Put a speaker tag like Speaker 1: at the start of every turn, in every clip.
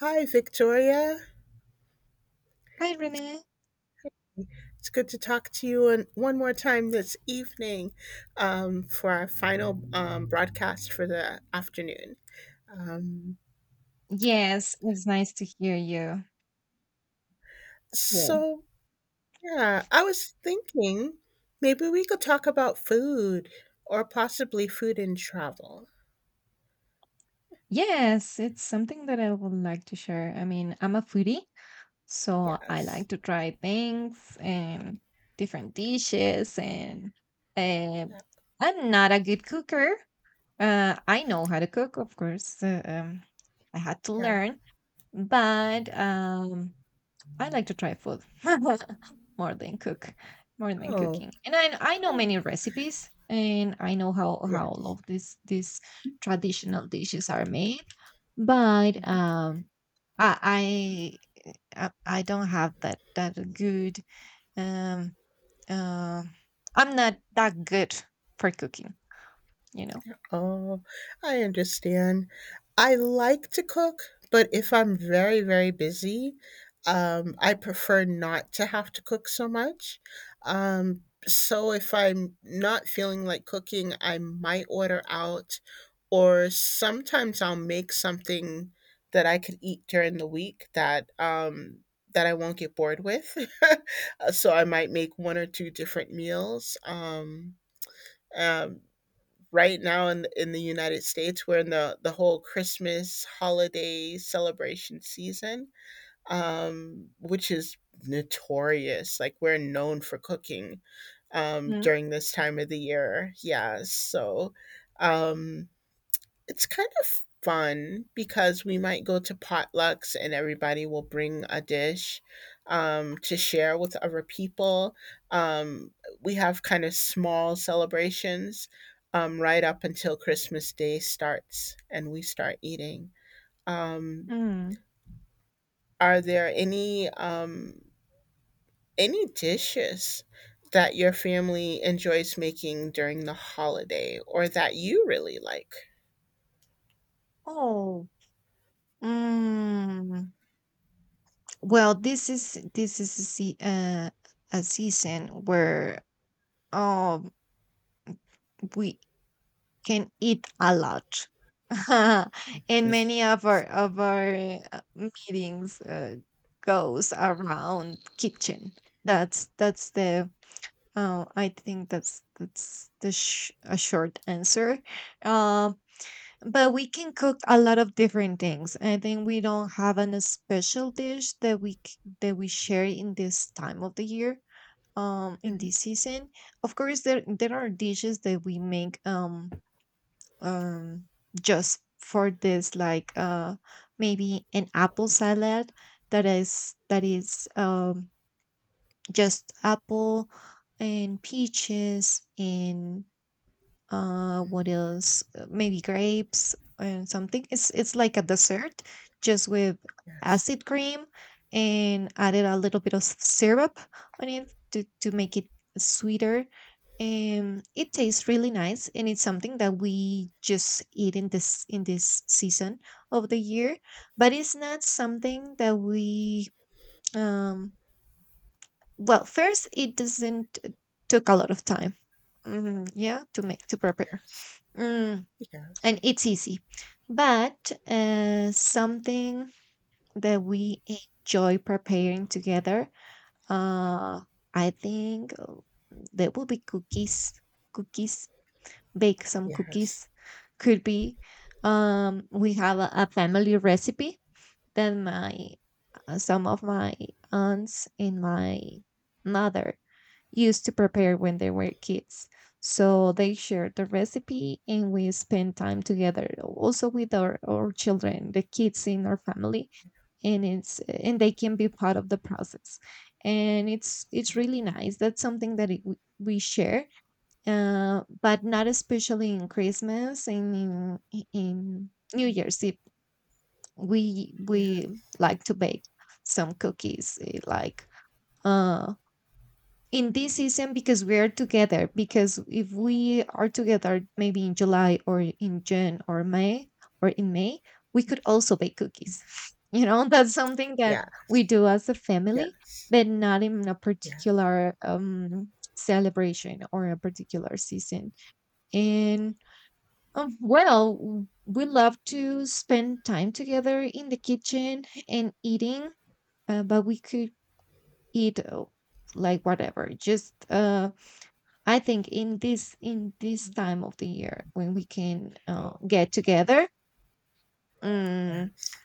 Speaker 1: Hi, Victoria.
Speaker 2: Hi, Renee.
Speaker 1: It's good to talk to you and one more time this evening for our final broadcast for the afternoon.
Speaker 2: Yes, it's nice to hear you too.
Speaker 1: So, yeah, I was thinking maybe we could talk about food or possibly food and travel.
Speaker 2: Yes, it's something that I would like to share. I mean, I'm a foodie, so I
Speaker 1: Yes.
Speaker 2: like to try things and different dishes. And uh,
Speaker 1: Yeah.
Speaker 2: I'm not a good cooker. I know how to cook, of course. I had to
Speaker 1: Yeah.
Speaker 2: learn, but I like to try food more than cook, more than
Speaker 1: Oh,
Speaker 2: cooking. And I know
Speaker 1: oh
Speaker 2: many recipes, and I know how all
Speaker 1: yes.
Speaker 2: of these traditional dishes are made. But I I don't have that good um uh, I'm not that good for cooking. You know?
Speaker 1: Oh, I understand. I like to cook, but if I'm very, very busy, I prefer not to have to cook so much. So if I'm not feeling like cooking, I might order out, or sometimes I'll make something that I could eat during the week that I won't get bored with. So I might make one or two different meals. Um, right now in the United States, we're in the whole Christmas holiday celebration season, which is notorious. Like we're known for cooking
Speaker 2: Mhm.
Speaker 1: during this time of the year. Yeah, so um, it's kind of fun because we might go to potlucks and everybody will bring a dish to share with other people. Um, we have kind of small celebrations right up until Christmas Day starts and we start eating. Um,
Speaker 2: mm.
Speaker 1: are there any dishes that your family enjoys making during the holiday or that you really like?
Speaker 2: Oh, mm, well, this is a sea a season where um, we can eat a lot. And many of our meetings goes around kitchen. That's the Oh, I think that's the a short answer. Um, but we can cook a lot of different things. I think we don't have a special dish that that we share in this time of the year. In
Speaker 1: Mhm.
Speaker 2: this season, of course, there are dishes that we make um just for this, like maybe an apple salad that is just apple and peaches and what else? Maybe grapes and something. It's like a dessert just with
Speaker 1: Yes,
Speaker 2: acid cream and added a little bit of syrup on it to make it sweeter. And it tastes really nice, and it's something that we just eat in this season of the year, but it's not something that we um well, first, it doesn't took a lot of time. Mm, yeah, to make to prepare,
Speaker 1: yes.
Speaker 2: mm,
Speaker 1: Yes,
Speaker 2: and it's easy. But something that we enjoy preparing together, uh, I think there will be cookies. Cookies, bake some
Speaker 1: yes,
Speaker 2: cookies. Could be, we have a family recipe than my, some of my aunts and my mother used to prepare when they were kids. So they shared the recipe, and we spend time together also with our children, the kids in our family, and it's and they can be part of the process. And it's
Speaker 1: yeah,
Speaker 2: really nice. That's something that it, we share, but not especially in Christmas, in New Year's Eve
Speaker 1: yeah,
Speaker 2: we like to bake some cookies, eh, like uh in this season because we are together. Because if we are together maybe in July or in June or may or in May, we could also bake cookies. You know, that's something that
Speaker 1: yeah.
Speaker 2: we do as a family,
Speaker 1: Yes,
Speaker 2: but not in a
Speaker 1: yeah.
Speaker 2: particular celebration or a particular season. And well, we love to spend time together in the kitchen and eating, but we could eat like whatever. Just I think in this time of the year when we can get together, um,
Speaker 1: Yes,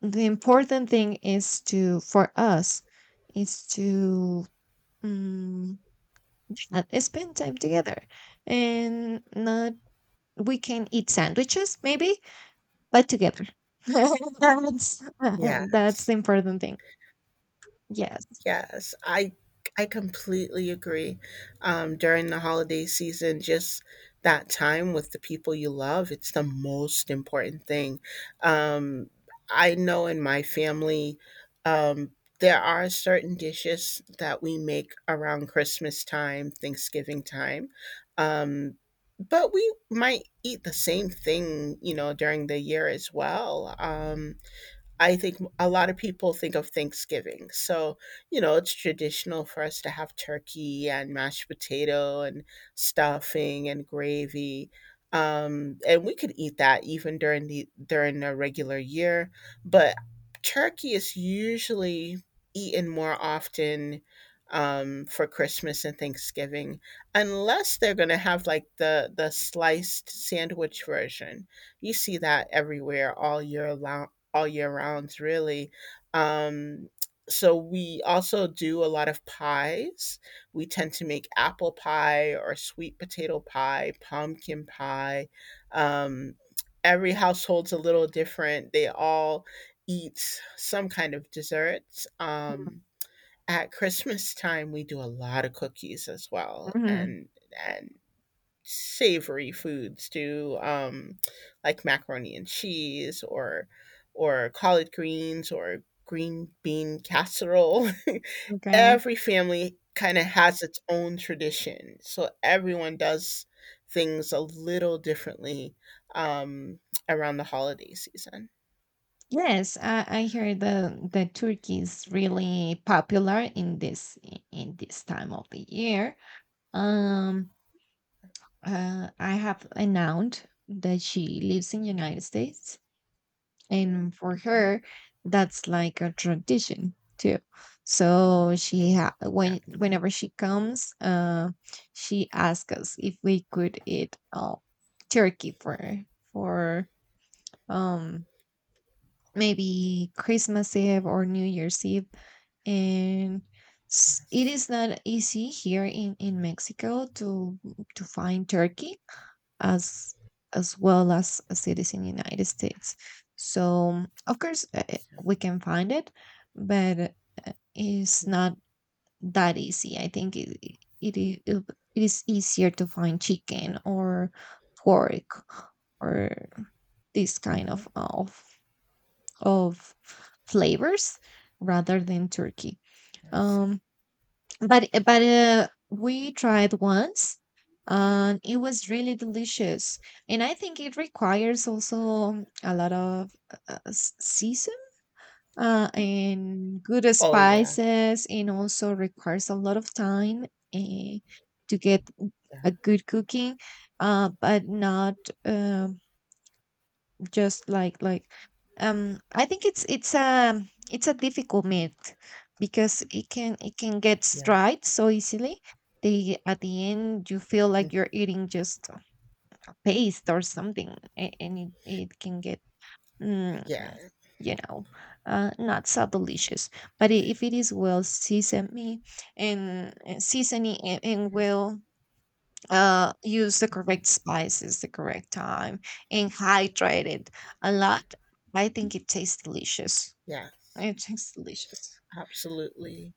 Speaker 2: the important thing is to for us is to um, spend time together. And not, we can eat sandwiches maybe, but together. That's that's
Speaker 1: yes.
Speaker 2: the important thing. Yes.
Speaker 1: Yes, I completely agree. During the holiday season, just that time with the people you love, it's the most important thing. Um, I know in my family, um, there are certain dishes that we make around Christmas time, Thanksgiving time. Um, but we might eat the same thing, during the year as well. I think a lot of people think of Thanksgiving. So, it's traditional for us to have turkey and mashed potato and stuffing and gravy. And we could eat that even during the during a regular year, but turkey is usually eaten more often for Christmas and Thanksgiving, unless they're going to have like the sliced sandwich version. You see that everywhere all year long, all year round, really. Um, so we also do a lot of pies. We tend to make apple pie or sweet potato pie, pumpkin pie. Um, every household's a little different. They all eat some kind of desserts. At Christmas time, we do a lot of cookies as well,
Speaker 2: hmm
Speaker 1: and savory foods to like macaroni and cheese or collard greens or green bean casserole.
Speaker 2: Okay.
Speaker 1: Every family kind of has its own tradition, so everyone does things a little differently um, around the holiday season.
Speaker 2: Yes, I hear the turkey is really popular in in this time of the year. Um, I have an aunt that she lives in United States, and for
Speaker 1: Mhm.
Speaker 2: her that's like a tradition too. So
Speaker 1: Yeah.
Speaker 2: when whenever she comes, she asks us if we could eat turkey for for um maybe Christmas Eve or New Year's Eve. And it
Speaker 1: Yes.
Speaker 2: is not easy here in Mexico to find turkey as as well as a citizen in the United States. So of course
Speaker 1: Yeah.
Speaker 2: we can find it, but it's
Speaker 1: Mhm.
Speaker 2: not that easy. I think it it is easier to find chicken or pork or this kind
Speaker 1: Mhm.
Speaker 2: of flavors rather than turkey.
Speaker 1: Yes.
Speaker 2: Um, but eh, but we tried once, and it was really delicious. And I think it requires also a lot of season and good
Speaker 1: Oh yeah.
Speaker 2: spices, and also requires a lot of time uh, to get
Speaker 1: Yeah.
Speaker 2: a good cooking. But not, um, just like, I think it's a difficult myth because it can get
Speaker 1: Yeah.
Speaker 2: dried so easily. They at the end you feel
Speaker 1: Mhm.
Speaker 2: like you're eating just a paste or something, a- and it can get, mm,
Speaker 1: Yeah.
Speaker 2: you know, not so delicious. But I- if it is well seasoned, me and seasoning, and well, use the
Speaker 1: Mhm.
Speaker 2: correct spices, the correct time, and hydrate it a lot. I think it tastes delicious.
Speaker 1: Yes.
Speaker 2: It tastes delicious.
Speaker 1: Absolutely.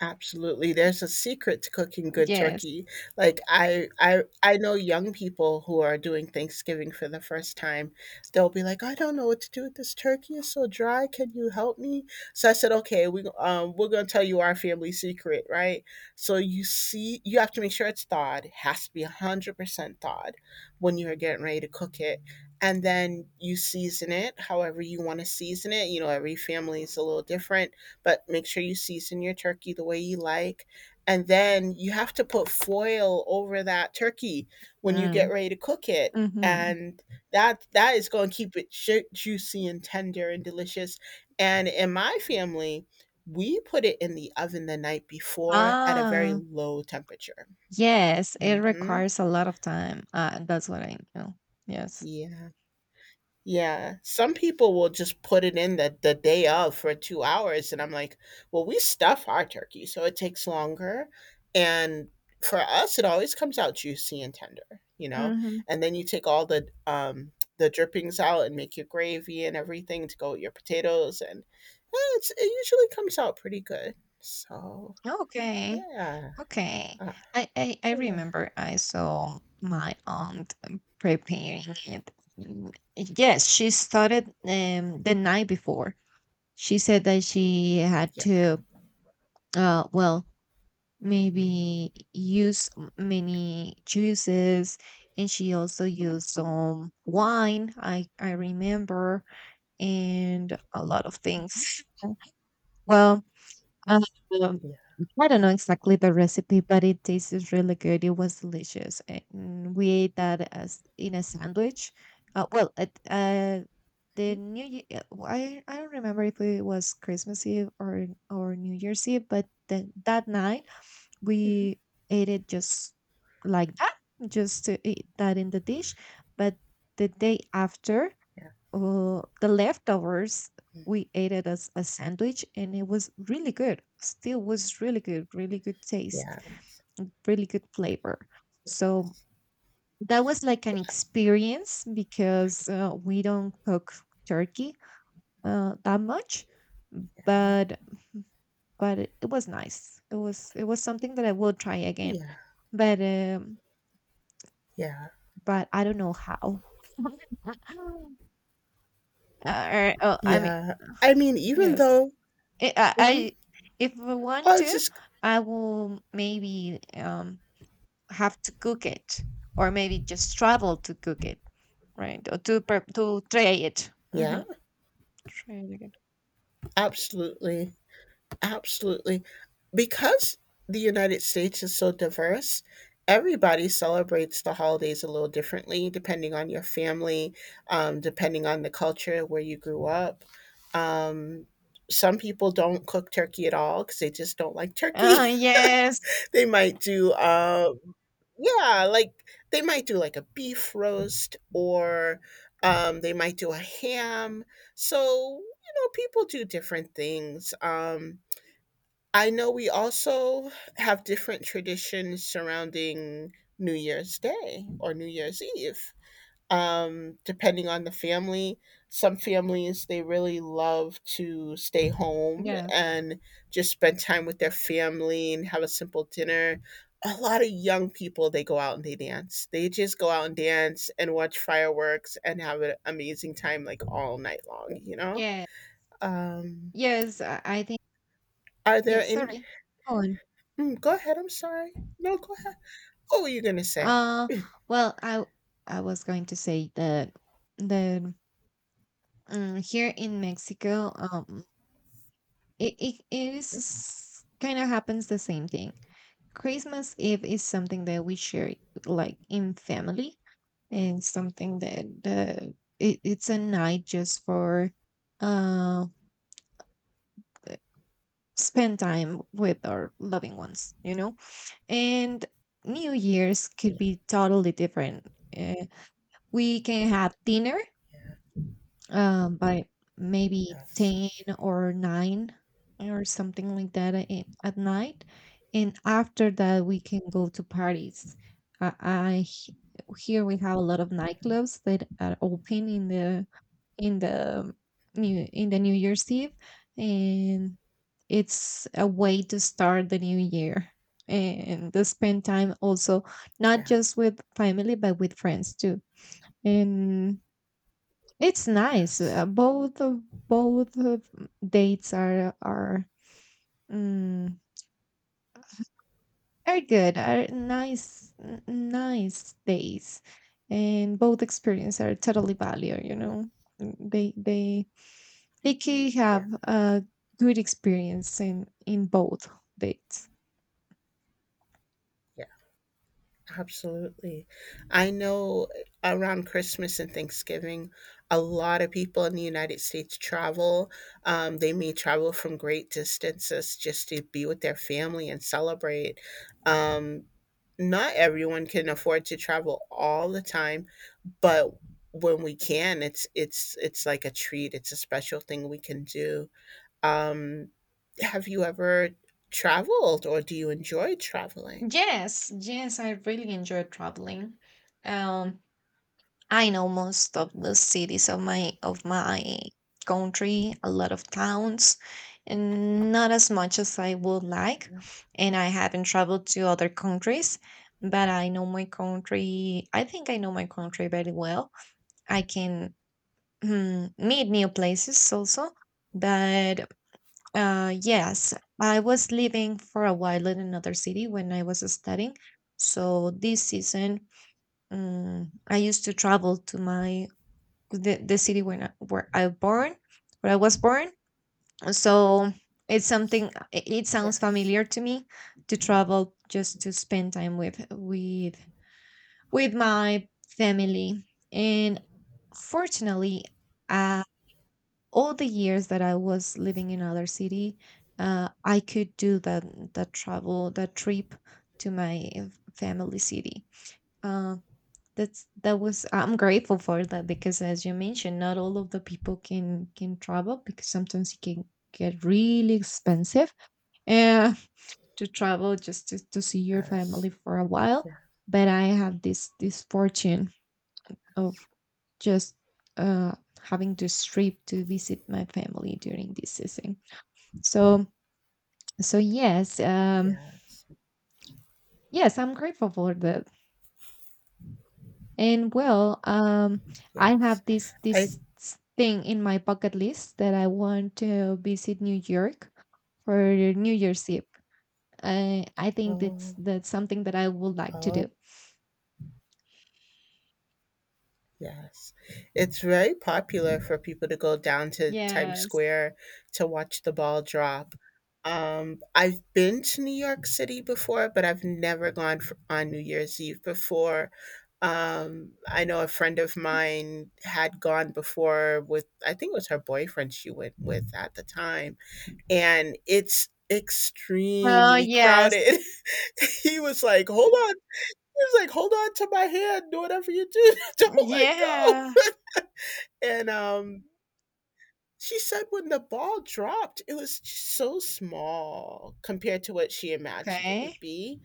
Speaker 1: Absolutely. There's a secret to cooking good
Speaker 2: Yes.
Speaker 1: turkey. Like I know young people who are doing Thanksgiving for the first time. They'll be like, "I don't know what to do with this turkey. It's so dry. Can you help me?" So I said, "Okay, we're going to tell you our family secret, right?" So you see you have to make sure it's thawed. It has to be 100% thawed when you're getting ready to cook it. And then you season it however you want to season it. You know, every family is a little different, but make sure you season your turkey the way you like. And then you have to put foil over that turkey when you get
Speaker 2: Mm.
Speaker 1: ready to cook it.
Speaker 2: hmm
Speaker 1: And that is going to keep it juicy and tender and delicious. And in my family, we put it in the oven the night before at a very
Speaker 2: Ah,
Speaker 1: low temperature.
Speaker 2: yes. It
Speaker 1: Hmm.
Speaker 2: requires a lot of time. That's what I know. Yes.
Speaker 1: Yeah. Yeah, some people will just put it in the day of for 2 hours, and I'm like, "Well, we stuff our turkey, so it takes longer." And for us, it always comes out juicy and tender, you know?
Speaker 2: hmm
Speaker 1: And then you take all the drippings out and make your gravy and everything to go with your potatoes, and, it usually comes out pretty good. So,
Speaker 2: Okay.
Speaker 1: yeah.
Speaker 2: Okay.
Speaker 1: uh,
Speaker 2: I
Speaker 1: yeah,
Speaker 2: remember I saw my aunt preparing it. Mm, Yes, she started the night before. She said that she had
Speaker 1: yeah,
Speaker 2: to, well, maybe use many juices, and she also used some wine, I remember, and a lot of things. Well, um,
Speaker 1: yeah.
Speaker 2: I don't know exactly the recipe, but it tastes really good. It was delicious, and we ate that as in a sandwich. Well, at the
Speaker 1: Mhm.
Speaker 2: New Year, I don't remember if it was Christmas Eve or New Year's Eve, but then that night
Speaker 1: Mhm.
Speaker 2: we ate it just like that, just to eat that in the dish. But the day after,
Speaker 1: Yeah.
Speaker 2: the leftovers,
Speaker 1: Mm.
Speaker 2: we ate it as a sandwich, and it was really good. Still was really good, really good taste
Speaker 1: Yeah. Yes,
Speaker 2: and really good flavor. So that was like an
Speaker 1: yes.
Speaker 2: experience because we don't cook turkey that much.
Speaker 1: Yeah,
Speaker 2: but but it, it was nice. It was it was something that I will try again.
Speaker 1: yeah,
Speaker 2: But
Speaker 1: yeah.
Speaker 2: but I don't know how. Or, oh, I mean,
Speaker 1: Yeah, I mean, even
Speaker 2: yes.
Speaker 1: though.
Speaker 2: Eh,
Speaker 1: Mhm.
Speaker 2: I If I want
Speaker 1: Oh, it's
Speaker 2: to,
Speaker 1: just.
Speaker 2: I will maybe have to cook it, or maybe just travel to cook it, right? Or to prep to try it.
Speaker 1: Yeah,
Speaker 2: Mm-hmm. Try it again.
Speaker 1: absolutely. Absolutely. Because the United States is so diverse, everybody celebrates the holidays a little differently depending on your family, depending on the culture where you grew up. Um, some people don't cook turkey at all because they just don't like turkey.
Speaker 2: Yes,
Speaker 1: They might do, yeah, like they might do like a beef roast or they might do a ham. So, people do different things. I know we also have different traditions surrounding New Year's Day or New Year's Eve depending on the family. Some families, they really love to stay home
Speaker 2: yes,
Speaker 1: and just spend time with their family and have a simple dinner. A lot of young people, they go out and they dance. They just go out and dance and watch fireworks and have an amazing time like all night long, you know?
Speaker 2: yeah,
Speaker 1: Um,
Speaker 2: yes. I think
Speaker 1: are there
Speaker 2: yes.
Speaker 1: in.
Speaker 2: Sorry. Go on.
Speaker 1: Mm, go ahead. I'm sorry. No, go ahead. What were you going to say?
Speaker 2: Uh, well, I was going to say that, that here in Mexico, it is kind of happens the same thing. Christmas Eve is something that we share like in family, and something that, it, it's a night just for uh spend time with our loving ones, you know? And New Year's could
Speaker 1: Yeah.
Speaker 2: be totally different. Uh, we can have dinner
Speaker 1: Yeah.
Speaker 2: by maybe
Speaker 1: Yes.
Speaker 2: 10 or 9 or something like that at night. And after that, we can go to parties. I h- here we have a lot of nightclubs that are open in the in the in the New Year's Eve, and it's a way to start the new year and to spend time also not
Speaker 1: Yeah.
Speaker 2: just with family but with friends too. And it's nice.
Speaker 1: Yes.
Speaker 2: Both of dates are mm, are good. Are nice nice days, and both experiences are totally value. You
Speaker 1: Yeah.
Speaker 2: know, Mm, they can
Speaker 1: Yeah,
Speaker 2: have a good experience in both dates.
Speaker 1: absolutely. I know around Christmas and Thanksgiving, a lot of people in the United States travel. They may travel from great distances just to be with their family and celebrate. Um, Not everyone can afford to travel all the time, but when we can, it's it's like a treat. It's a special thing we can do. Um, have you ever traveled, or do you enjoy traveling?
Speaker 2: Yes, yes, I really enjoy traveling. Um, I know most of the cities of my country, a lot of towns, and not as much as I would like. And I haven't traveled to other countries, but I know my country. I think I know my country very well. I can mm, meet new places also. But yes, I was living for a while in another city when I was studying. So this season, I used to travel to the city where I born, where I was born. So it's something, it sounds
Speaker 1: Yes.
Speaker 2: familiar to me to travel just to spend time with my family. And fortunately, uh, all the years that I was living in other city, I could do that, that travel, that trip to my family city. Uh, that's, that was, I'm grateful for that, because as you mentioned, not all of the people can travel, because sometimes it can get really expensive uh, to travel just to see your
Speaker 1: Yes,
Speaker 2: family for a while. But I have this this fortune of
Speaker 1: yes,
Speaker 2: just uh, having this trip to visit my family during this season. So so yes,
Speaker 1: yes,
Speaker 2: yes, I'm grateful for that. And well, I
Speaker 1: yes.
Speaker 2: have
Speaker 1: I.
Speaker 2: thing in my bucket list that I want to visit New York for New Year's Eve. I think
Speaker 1: Oh,
Speaker 2: that's something that I would like to
Speaker 1: oh
Speaker 2: do.
Speaker 1: yes. It's very popular for people to go down to Times
Speaker 2: Yes.
Speaker 1: Square to watch the ball drop. I've been to New York City before, but I've never gone on New Year's Eve before. I know a friend of mine had gone before with, I think it was her boyfriend she went with at the time, and it's
Speaker 2: Oh,
Speaker 1: extremely
Speaker 2: yes.
Speaker 1: crowded. He was like, "Hold on." He was like, "Hold on to my hand. Do whatever you do. Don't let go."
Speaker 2: Yeah.
Speaker 1: And she said when the ball dropped, it was just so small compared to what she imagined it would
Speaker 2: Okay.
Speaker 1: be.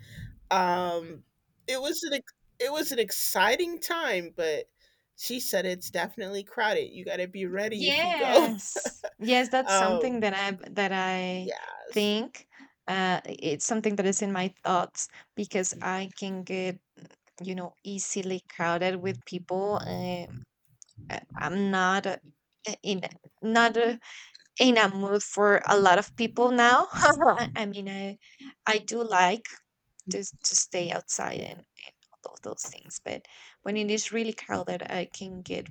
Speaker 1: Um it was an ex- it was an exciting time, but she said it's definitely crowded. You got to be ready if you go.
Speaker 2: Yes. Yes, that's something
Speaker 1: Um
Speaker 2: that I
Speaker 1: yes.
Speaker 2: think it's something that is in my thoughts because I can get easily crowded with people. I'm in not in a mood for a lot of people now. I mean I do like to stay outside and all those things, but when it is really crowded I can get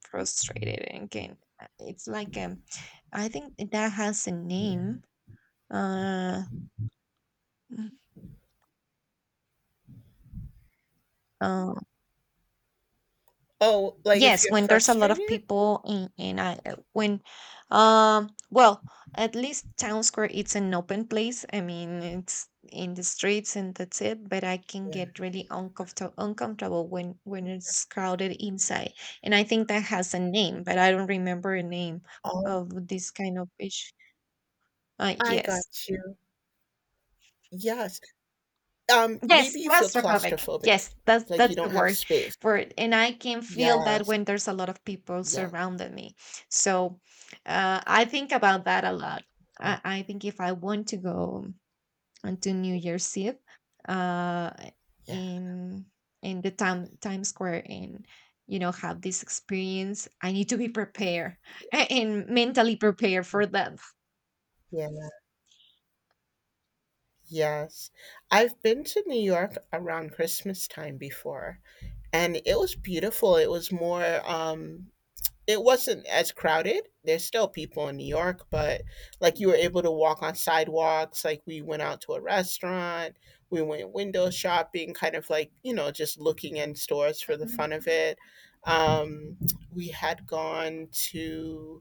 Speaker 2: frustrated again. It's like, I think that has a name. Uh, Mm. uh,
Speaker 1: Oh, like if
Speaker 2: yes,
Speaker 1: you're
Speaker 2: when there's a lot
Speaker 1: frustrated?
Speaker 2: of people in um, well, at least town square it's an open place. I mean, it's in the streets and that's it. But I can
Speaker 1: Yeah.
Speaker 2: get really uncomfortable when it's crowded inside, and I think that has a name, but I don't remember a name
Speaker 1: Oh,
Speaker 2: of this kind of issue.
Speaker 1: I got
Speaker 2: Yes.
Speaker 1: you. Yes.
Speaker 2: Yes,
Speaker 1: Maybe you feel
Speaker 2: claustrophobic.
Speaker 1: claustrophobic,
Speaker 2: Yes, that's
Speaker 1: like you
Speaker 2: that's the
Speaker 1: don't have
Speaker 2: word
Speaker 1: space.
Speaker 2: for it. And I can feel that
Speaker 1: Yes.
Speaker 2: when there's a lot of people
Speaker 1: Yes.
Speaker 2: surrounding me. So I think about that a lot. I think if I want to go onto New Year's Eve, uh,
Speaker 1: Yeah.
Speaker 2: in in the time Times Square and have this experience, I need to be prepared and mentally prepared for that.
Speaker 1: Yeah. Yes. I've been to New York around Christmas time before, and it was beautiful. It was more um it wasn't as crowded. There's still people in New York, but like you were able to walk on sidewalks. Like we went out to a restaurant, we went window shopping, kind of like, just looking in stores for the
Speaker 2: Mhm.
Speaker 1: fun of it. Um, we had gone to,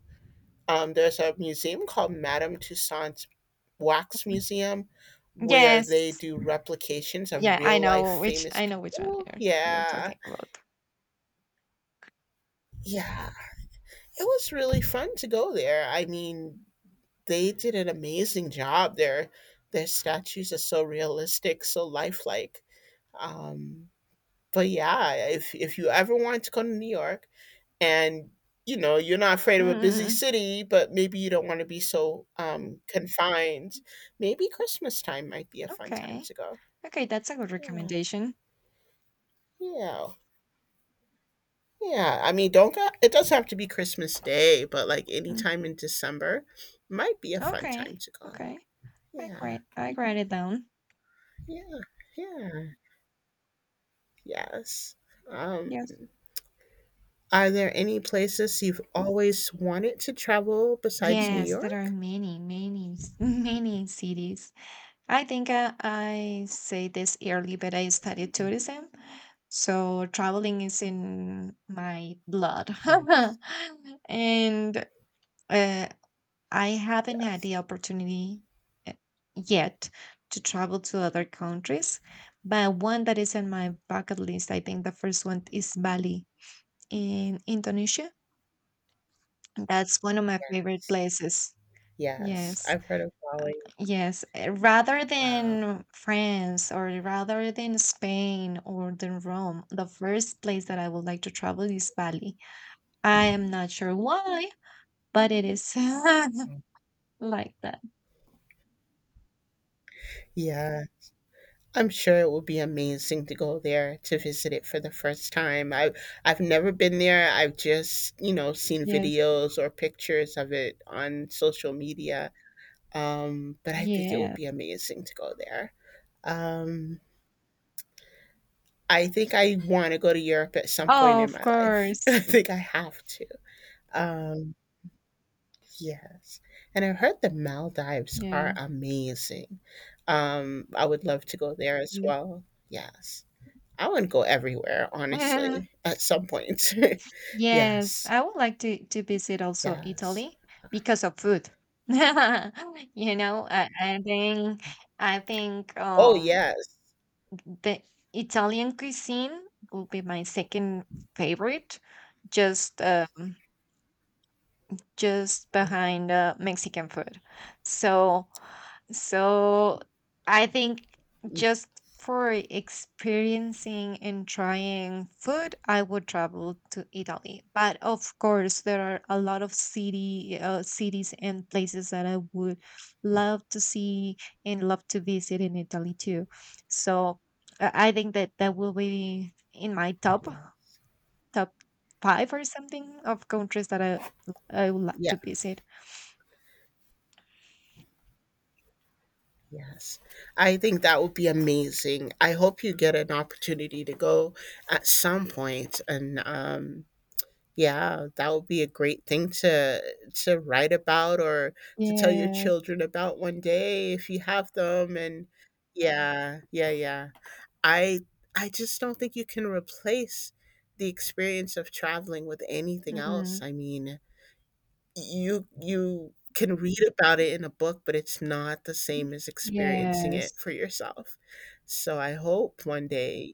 Speaker 1: there's a museum called Madame Tussauds Wax Museum where
Speaker 2: Yes.
Speaker 1: they do replications of
Speaker 2: Yeah, I
Speaker 1: real life
Speaker 2: know which
Speaker 1: famous
Speaker 2: I know which one
Speaker 1: people.
Speaker 2: you're
Speaker 1: Yeah.
Speaker 2: talking about.
Speaker 1: Yeah. It was really fun to go there. I mean, they did an amazing job. Their statues are so realistic, so lifelike. Um, but yeah, if you ever want to go to New York and you know you're not afraid of a busy
Speaker 2: Mm,
Speaker 1: city, but maybe you don't want to be so confined, maybe Christmas time might be a fun time
Speaker 2: okay.
Speaker 1: to go.
Speaker 2: Okay, that's a good
Speaker 1: Yeah,
Speaker 2: recommendation.
Speaker 1: yeah, yeah. I mean, don't go, it doesn't have to be Christmas Day, but like
Speaker 2: Mm,
Speaker 1: anytime in December might be a fun
Speaker 2: okay.
Speaker 1: time to go.
Speaker 2: Okay.
Speaker 1: Yeah,
Speaker 2: I write it down.
Speaker 1: yeah, yeah. Yes. Um,
Speaker 2: Yes.
Speaker 1: are there any places you've always wanted to travel besides New
Speaker 2: Yes, there are
Speaker 1: York?
Speaker 2: many, many cities. I think I say this early, but I studied tourism. So traveling is in my blood.
Speaker 1: Yes.
Speaker 2: And uh, I haven't had the
Speaker 1: Yes.
Speaker 2: opportunity uh, yet to travel to other countries, but one that is on my bucket list, I think the first one is Bali in Indonesia. That's one of my favorite
Speaker 1: Yes.
Speaker 2: places.
Speaker 1: Yes.
Speaker 2: Yes,
Speaker 1: I've heard of Bali.
Speaker 2: yes. Rather
Speaker 1: Wow.
Speaker 2: than France or rather than Spain or than Rome, the first place that I would like to travel is Bali. I am not sure why, but it is like that.
Speaker 1: Yeah, I'm sure it would be amazing to go there to visit it for the first time. I've never been there. I've just, seen
Speaker 2: Yes,
Speaker 1: videos or pictures of it on social media. But I think it would
Speaker 2: yes.
Speaker 1: be amazing to go there. Um, I think I want to go to Europe at some point
Speaker 2: Oh,
Speaker 1: in
Speaker 2: of
Speaker 1: my life.
Speaker 2: course.
Speaker 1: I think I have to. Um, yes. And I've heard the Maldives
Speaker 2: Yeah.
Speaker 1: are amazing. I would love to go there as
Speaker 2: Yeah.
Speaker 1: well. Yes. I want to go everywhere,
Speaker 2: Yeah.
Speaker 1: honestly, at some point.
Speaker 2: Yes,
Speaker 1: Yes.
Speaker 2: I would like to visit also
Speaker 1: Yes.
Speaker 2: Italy because of food. You know, I think
Speaker 1: Oh, yes.
Speaker 2: the Italian cuisine will be my second favorite. Just um just behind Mexican food. So, so, I think
Speaker 1: Mm,
Speaker 2: just for experiencing and trying food, I would travel to Italy. But of course, there are a lot of city cities and places that I would love to see and love to visit in Italy too. So I think that will be in my top
Speaker 1: yes.
Speaker 2: top 5 or something of countries that I would like
Speaker 1: Yeah.
Speaker 2: to visit.
Speaker 1: Yes. I think that would be amazing. I hope you get an opportunity to go at some point. And yeah, that would be a great thing to write about or to tell your
Speaker 2: Yes.
Speaker 1: children about one day if you have them. And yeah, yeah, yeah. I I just don't think you can replace the experience of traveling with anything else.
Speaker 2: Mm.
Speaker 1: I mean, you can read about it in a book, but it's not the same as experiencing
Speaker 2: Yes.
Speaker 1: it for yourself. So I hope one day.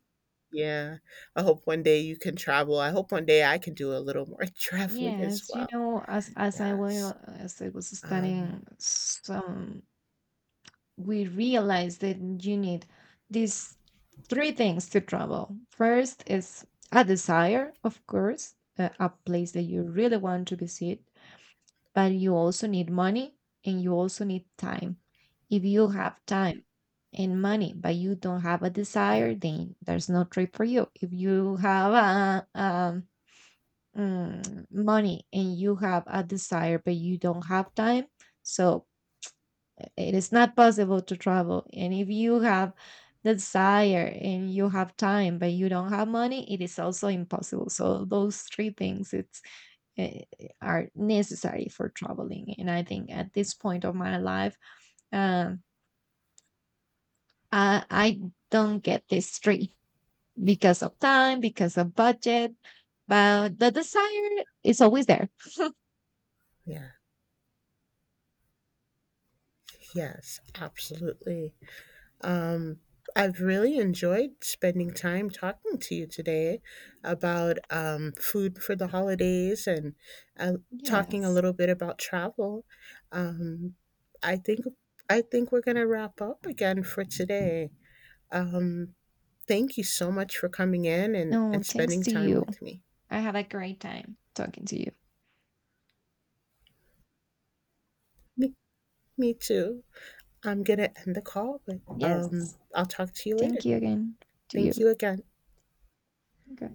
Speaker 1: Yeah, I hope one day you can travel. I hope one day I can do a little more traveling as
Speaker 2: Yes, you
Speaker 1: well.
Speaker 2: know, as as I
Speaker 1: Yes.
Speaker 2: was as I was
Speaker 1: um
Speaker 2: studying some, we realized that you need these 3 things to travel. First is a desire, of course, a place that you really want to visit. But you also need money and you also need time. If you have time and money, but you don't have a desire,
Speaker 1: yes.
Speaker 2: then there's no trip for you. If you have money and you have a desire, but you don't have time, so it is not possible to travel. And if you have the desire and you have time, but you don't have money, it is also impossible. So those 3 things, it's uh, are necessary for traveling. And I think at this point of my life, um, I don't get this 3 because of time, because of budget, but the desire is always there.
Speaker 1: Yeah. Yes. Absolutely. Um, I've really enjoyed spending time talking to you today about food for the holidays and uh, talking a
Speaker 2: Yes.
Speaker 1: little bit about travel. Um, I think we're gonna wrap up again for today. Um, Thank you so much for coming in and,
Speaker 2: No, thanks
Speaker 1: spending
Speaker 2: to
Speaker 1: time
Speaker 2: you.
Speaker 1: with me.
Speaker 2: I had a great time talking to you.
Speaker 1: Me. Me too. I'm gonna end the call, but
Speaker 2: Yes.
Speaker 1: I'll talk to you
Speaker 2: Thank
Speaker 1: later.
Speaker 2: you again to
Speaker 1: Thank
Speaker 2: you.
Speaker 1: you again.
Speaker 2: Okay.